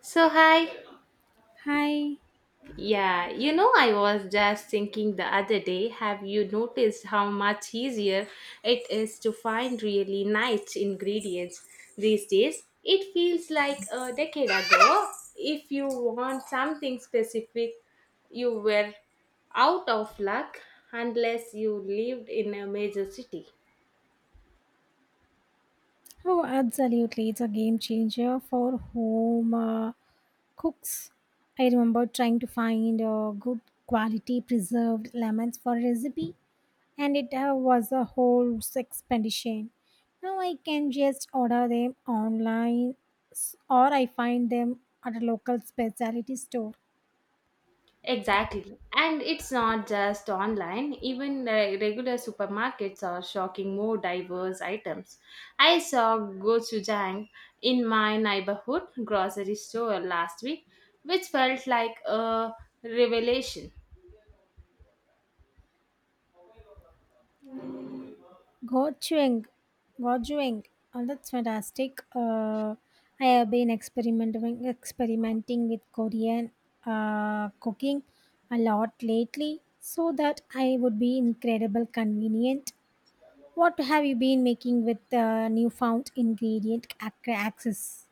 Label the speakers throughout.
Speaker 1: So, hi.
Speaker 2: Hi.
Speaker 1: Yeah, you know, I was just thinking the other day, have you noticed how much easier it is to find really nice ingredients these days? It feels like a decade ago, if you want something specific, you were out of luck unless you lived in a major city.
Speaker 2: Oh, absolutely. It's a game changer for home cooks. I remember trying to find good quality preserved lemons for recipe, and it was a whole expedition. Now I can just order them online or I find them at a local specialty store.
Speaker 1: Exactly. And it's not just online, even regular supermarkets are shocking more diverse items. I saw gochujang in my neighborhood grocery store last week, which felt like a revelation.
Speaker 2: Gochujang, gochujang. Oh, that's fantastic. I have been experimenting with Korean cooking a lot lately, so that I would be incredible convenient. What have you been making with the newfound ingredient access?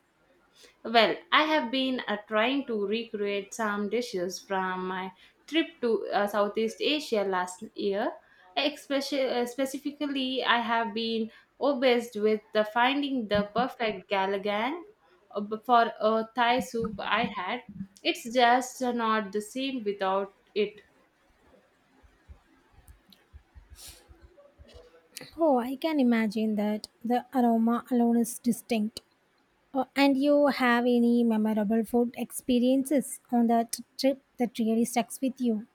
Speaker 1: Well, I have been trying to recreate some dishes from my trip to Southeast Asia last year. Specifically, I have been obsessed with the finding the perfect galagang for a Thai soup I had. It's just not the same without it.
Speaker 2: Oh, I can imagine that the aroma alone is distinct. Oh, and you have any memorable food experiences on that trip that really sticks with you?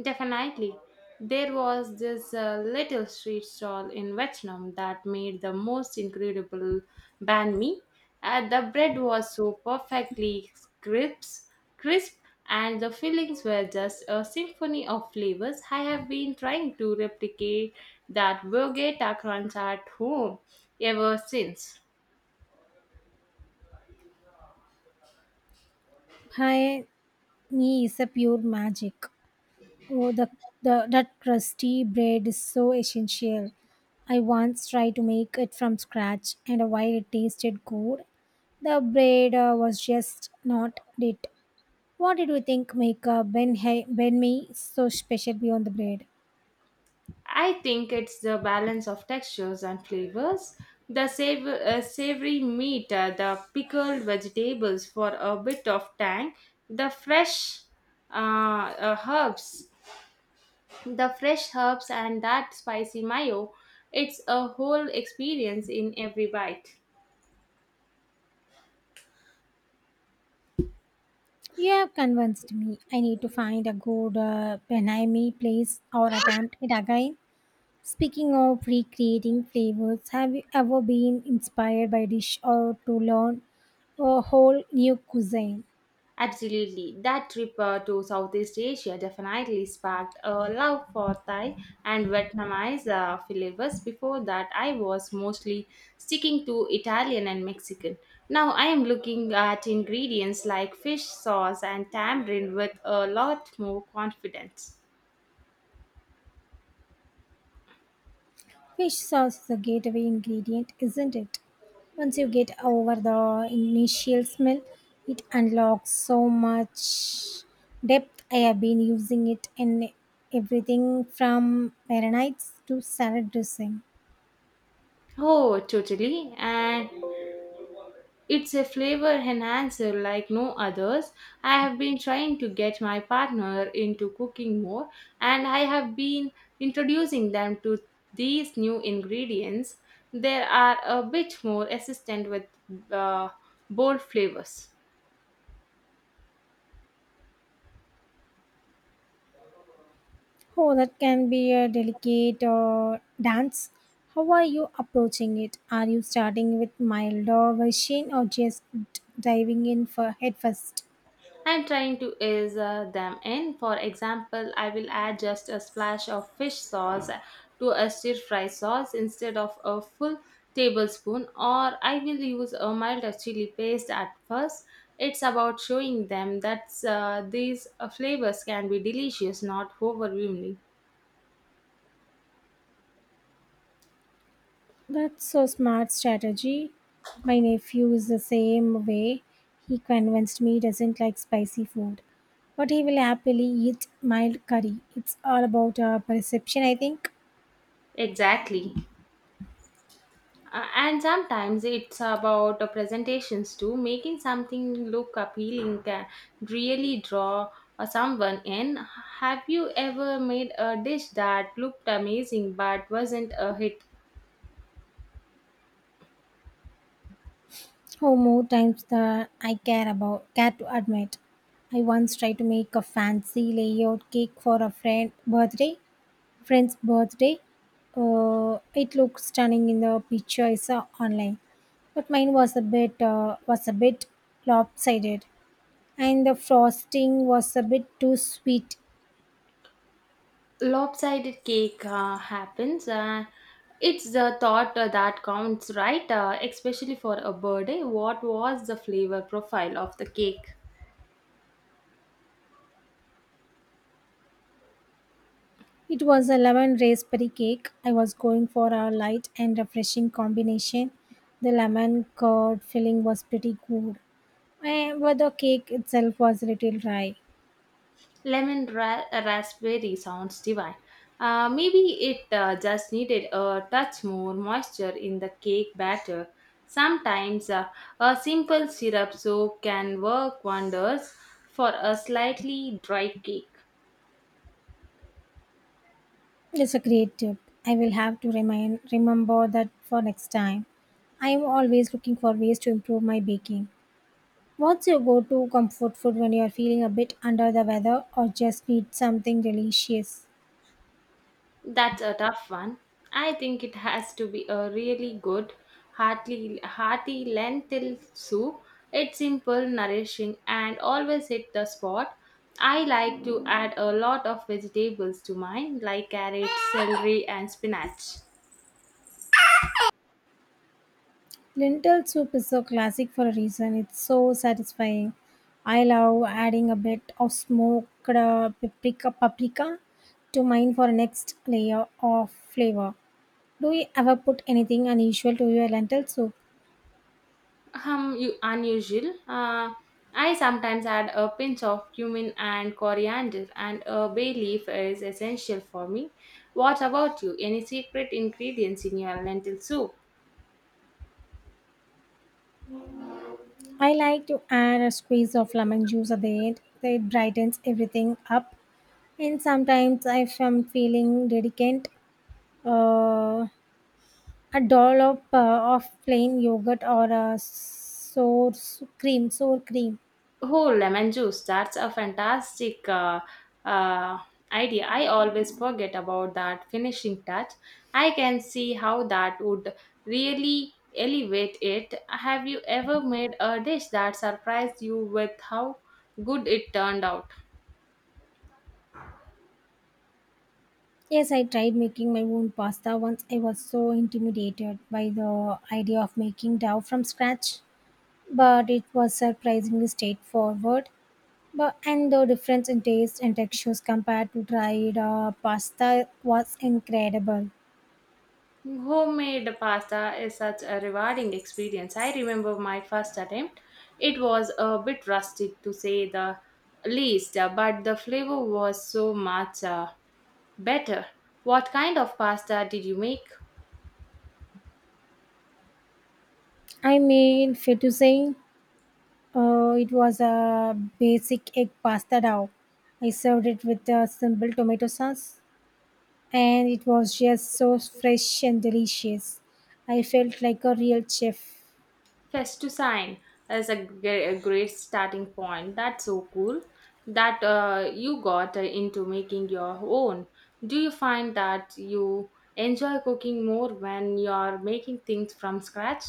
Speaker 1: Definitely. There was this little street stall in Vietnam that made the most incredible banh mi. The bread was so perfectly crisp, crisp, and the fillings were just a symphony of flavors. I have been trying to replicate that Bogota crunch at home ever since.
Speaker 2: Pie me is a pure magic. Oh, the that crusty bread is so essential. I once tried to make it from scratch, and while it tasted good, the bread was just not it. What did you think make Ben Me so special beyond the bread?
Speaker 1: I think it's the balance of textures and flavors. The savory meat, the pickled vegetables for a bit of tang, the fresh uh, uh, herbs, the fresh herbs, and that spicy mayo. It's a whole experience in every bite.
Speaker 2: You have convinced me. I need to find a good Ben Hai Me place or attempt it again. Speaking of recreating flavors, have you ever been inspired by a dish or to learn a whole new cuisine?
Speaker 1: Absolutely. That trip to Southeast Asia definitely sparked a love for Thai and Vietnamese flavors. Before that, I was mostly sticking to Italian and Mexican. Now I am looking at ingredients like fish sauce and tamarind with a lot more confidence.
Speaker 2: Fish sauce is a gateway ingredient, isn't it? Once you get over the initial smell, it unlocks so much depth. I have been using it in everything from marinades to salad dressing.
Speaker 1: Oh, totally. And it's a flavor enhancer like no others. I have been trying to get my partner into cooking more, and I have been introducing them to these new ingredients. They are a bit more assistant with uh, bold flavors.
Speaker 2: Oh, that can be a delicate dance. How are you approaching it? Are you starting with milder version or just diving in for head first?
Speaker 1: I'm trying to ease them in. For example, I will add just a splash of fish sauce to a stir fry sauce instead of a full tablespoon, or I will use a milder chili paste at first. It's about showing them that these flavors can be delicious, not overwhelming.
Speaker 2: That's a smart strategy. My nephew is the same way. He convinced me he doesn't like spicy food, but he will happily eat mild curry. It's all about perception, I think.
Speaker 1: Exactly. And sometimes it's about presentations too. Making something look appealing can really draw someone in. Have you ever made a dish that looked amazing but wasn't a hit?
Speaker 2: Oh, more times than I care to admit. I once tried to make a fancy layout cake for a friend's birthday. It looked stunning in the picture I saw online, but mine was a bit lopsided, and the frosting was a bit too sweet.
Speaker 1: Lopsided cake happens. It's the thought that counts, right? Especially for a birthday. What was the flavor profile of the cake?
Speaker 2: It was a lemon raspberry cake. I was going for a light and refreshing combination. The lemon curd filling was pretty good. Eh, but the cake itself was a little dry.
Speaker 1: Lemon raspberry sounds divine. Maybe it just needed a touch more moisture in the cake batter. Sometimes a simple syrup soak can work wonders for a slightly dry cake.
Speaker 2: It's a great tip. I will have to remind remember that for next time. I am always looking for ways to improve my baking. What's your go-to comfort food when you are feeling a bit under the weather or just need something delicious?
Speaker 1: That's a tough one. I think it has to be a really good, hearty lentil soup. It's simple, nourishing, and always hit the spot. I like to add a lot of vegetables to mine, like carrots, celery, and spinach.
Speaker 2: Lentil soup is so classic for a reason. It's so satisfying. I love adding a bit of smoked paprika to mine for next layer of flavor. Do you ever put anything unusual to your lentil soup?
Speaker 1: Unusual. I sometimes add a pinch of cumin and coriander, and a bay leaf is essential for me. What about you? Any secret ingredients in your lentil soup?
Speaker 2: I like to add a squeeze of lemon juice at the end. It brightens everything up. And sometimes, if I'm feeling delicate, uh, a dollop of plain yogurt or a sour cream.
Speaker 1: Oh, lemon juice. That's a fantastic uh, idea. I always forget about that finishing touch. I can see how that would really elevate it. Have you ever made a dish that surprised you with how good it turned out?
Speaker 2: Yes, I tried making my own pasta once. I was so intimidated by the idea of making dough from scratch, but it was surprisingly straightforward. But and the difference in taste and textures compared to dried pasta was incredible.
Speaker 1: Homemade pasta is such a rewarding experience. I remember my first attempt. It was a bit rustic to say the least, but the flavor was so much. Better. What kind of pasta did you make?
Speaker 2: I mean, fair to say, it was a basic egg pasta dough. I served it with a simple tomato sauce, and it was just so fresh and delicious. I felt like a real chef.
Speaker 1: Fettuccine is a a great starting point. That's so cool that you got into making your own. Do you find that you enjoy cooking more when you're making things from scratch?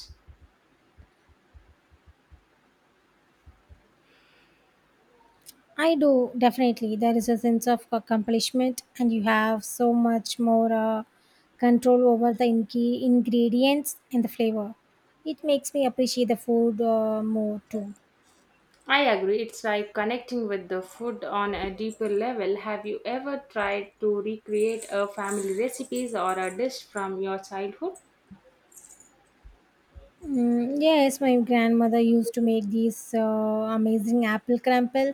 Speaker 2: I do definitely. There is a sense of accomplishment, and you have so much more control over the ingredients and the flavor. It makes me appreciate the food more too.
Speaker 1: I agree. It's like connecting with the food on a deeper level. Have you ever tried to recreate a family recipes or a dish from your childhood?
Speaker 2: Mm, yes, my grandmother used to make these amazing apple crumble.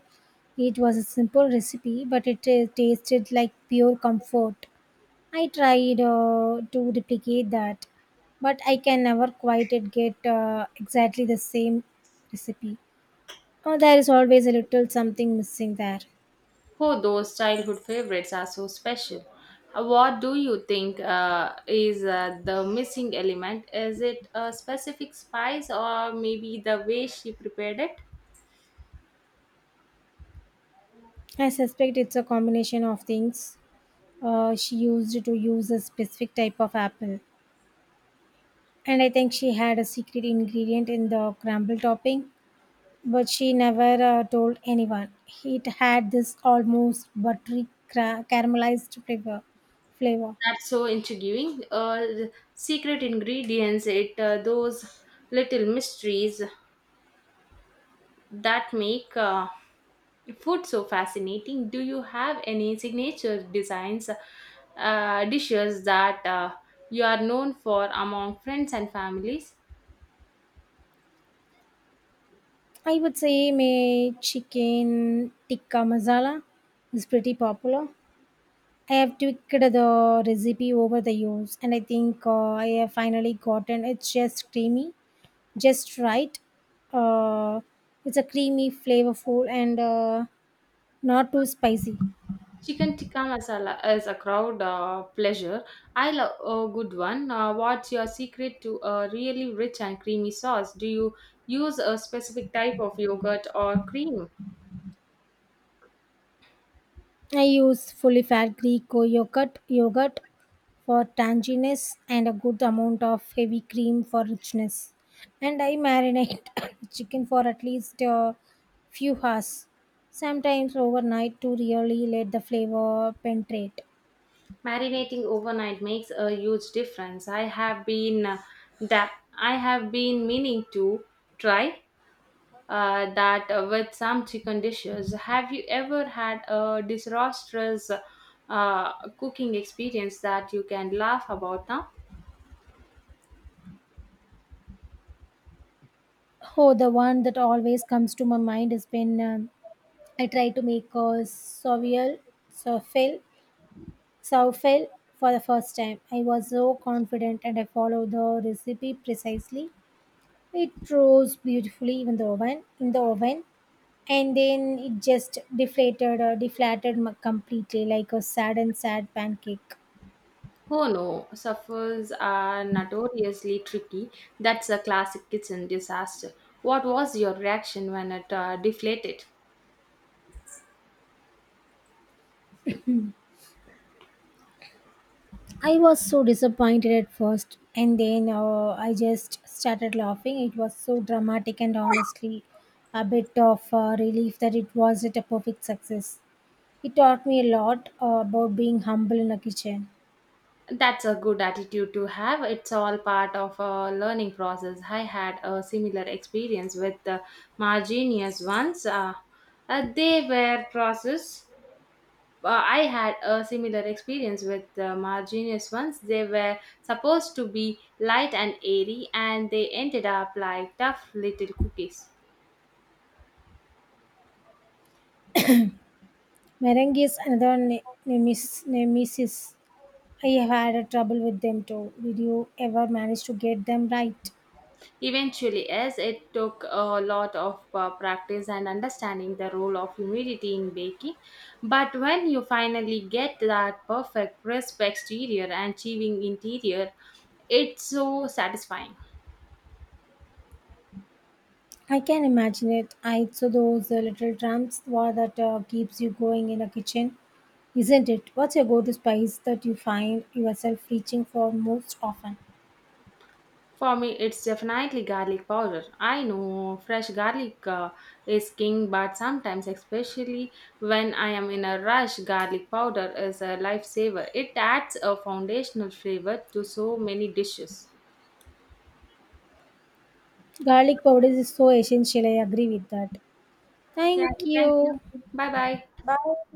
Speaker 2: It was a simple recipe, but it tasted like pure comfort. I tried to replicate that, but I can never quite it get exactly the same recipe. Oh, there is always a little something missing there.
Speaker 1: Oh, those childhood favorites are so special. What do you think is the missing element? Is it a specific spice or maybe the way she prepared it?
Speaker 2: I suspect it's a combination of things. She used to use a specific type of apple, and I think she had a secret ingredient in the crumble topping, but she never told anyone. It had this almost buttery caramelized flavor.
Speaker 1: That's so intriguing. The secret ingredients, it those little mysteries that make food so fascinating. Do you have any signature designs, dishes that you are known for among friends and families?
Speaker 2: I would say my chicken tikka masala is pretty popular. I have tweaked the recipe over the years, and I think I have finally gotten it's just creamy, just right. Uh, it's a creamy, flavorful, and not too spicy.
Speaker 1: Chicken tikka masala is a crowd pleasure. I love a good one. What's your secret to a really rich and creamy sauce? Do you use a specific type of yogurt or cream?
Speaker 2: I use fully fat Greek yogurt for tanginess and a good amount of heavy cream for richness. And I marinate chicken for at least a few hours, sometimes overnight, to really let the flavor penetrate.
Speaker 1: Marinating overnight makes a huge difference. That I have been meaning to try that with some chicken dishes. Have you ever had a disastrous cooking experience that you can laugh about now?
Speaker 2: Oh, the one that always comes to my mind is when I try to make a soffel, soffel for the first time. I was so confident and I followed the recipe precisely. It rose beautifully in the oven. In the oven, and then it just deflated completely like a sad pancake.
Speaker 1: Oh no, suffers are notoriously tricky. That's a classic kitchen disaster. What was your reaction when it deflated?
Speaker 2: I was so disappointed at first, and then I just started laughing. It was so dramatic, and honestly a bit of relief that it wasn't a perfect success. It taught me a lot about being humble in the kitchen.
Speaker 1: That's a good attitude to have. It's all part of a learning process. I had a similar experience with the marginius ones. They were process. I had a similar experience with the marginius ones. They were supposed to be light and airy, and they ended up like tough little cookies.
Speaker 2: Merengue is another nemesis. I have had a trouble with them too. Did you ever manage to get them right?
Speaker 1: Eventually, as it took a lot of practice and understanding the role of humidity in baking, but when you finally get that perfect crisp exterior and achieving interior, it's so satisfying.
Speaker 2: I can imagine it. I so those little tramps that keeps you going in a kitchen, isn't it? What's your go-to spice that you find yourself reaching for most often?
Speaker 1: For me, it's definitely garlic powder. I know fresh garlic is king, but sometimes, especially when I am in a rush, garlic powder is a lifesaver. It adds a foundational flavor to so many dishes.
Speaker 2: Garlic powder is so essential. I agree with that.
Speaker 1: Yeah,
Speaker 2: Thank
Speaker 1: thank you.
Speaker 2: you.
Speaker 1: Bye bye.
Speaker 2: Bye.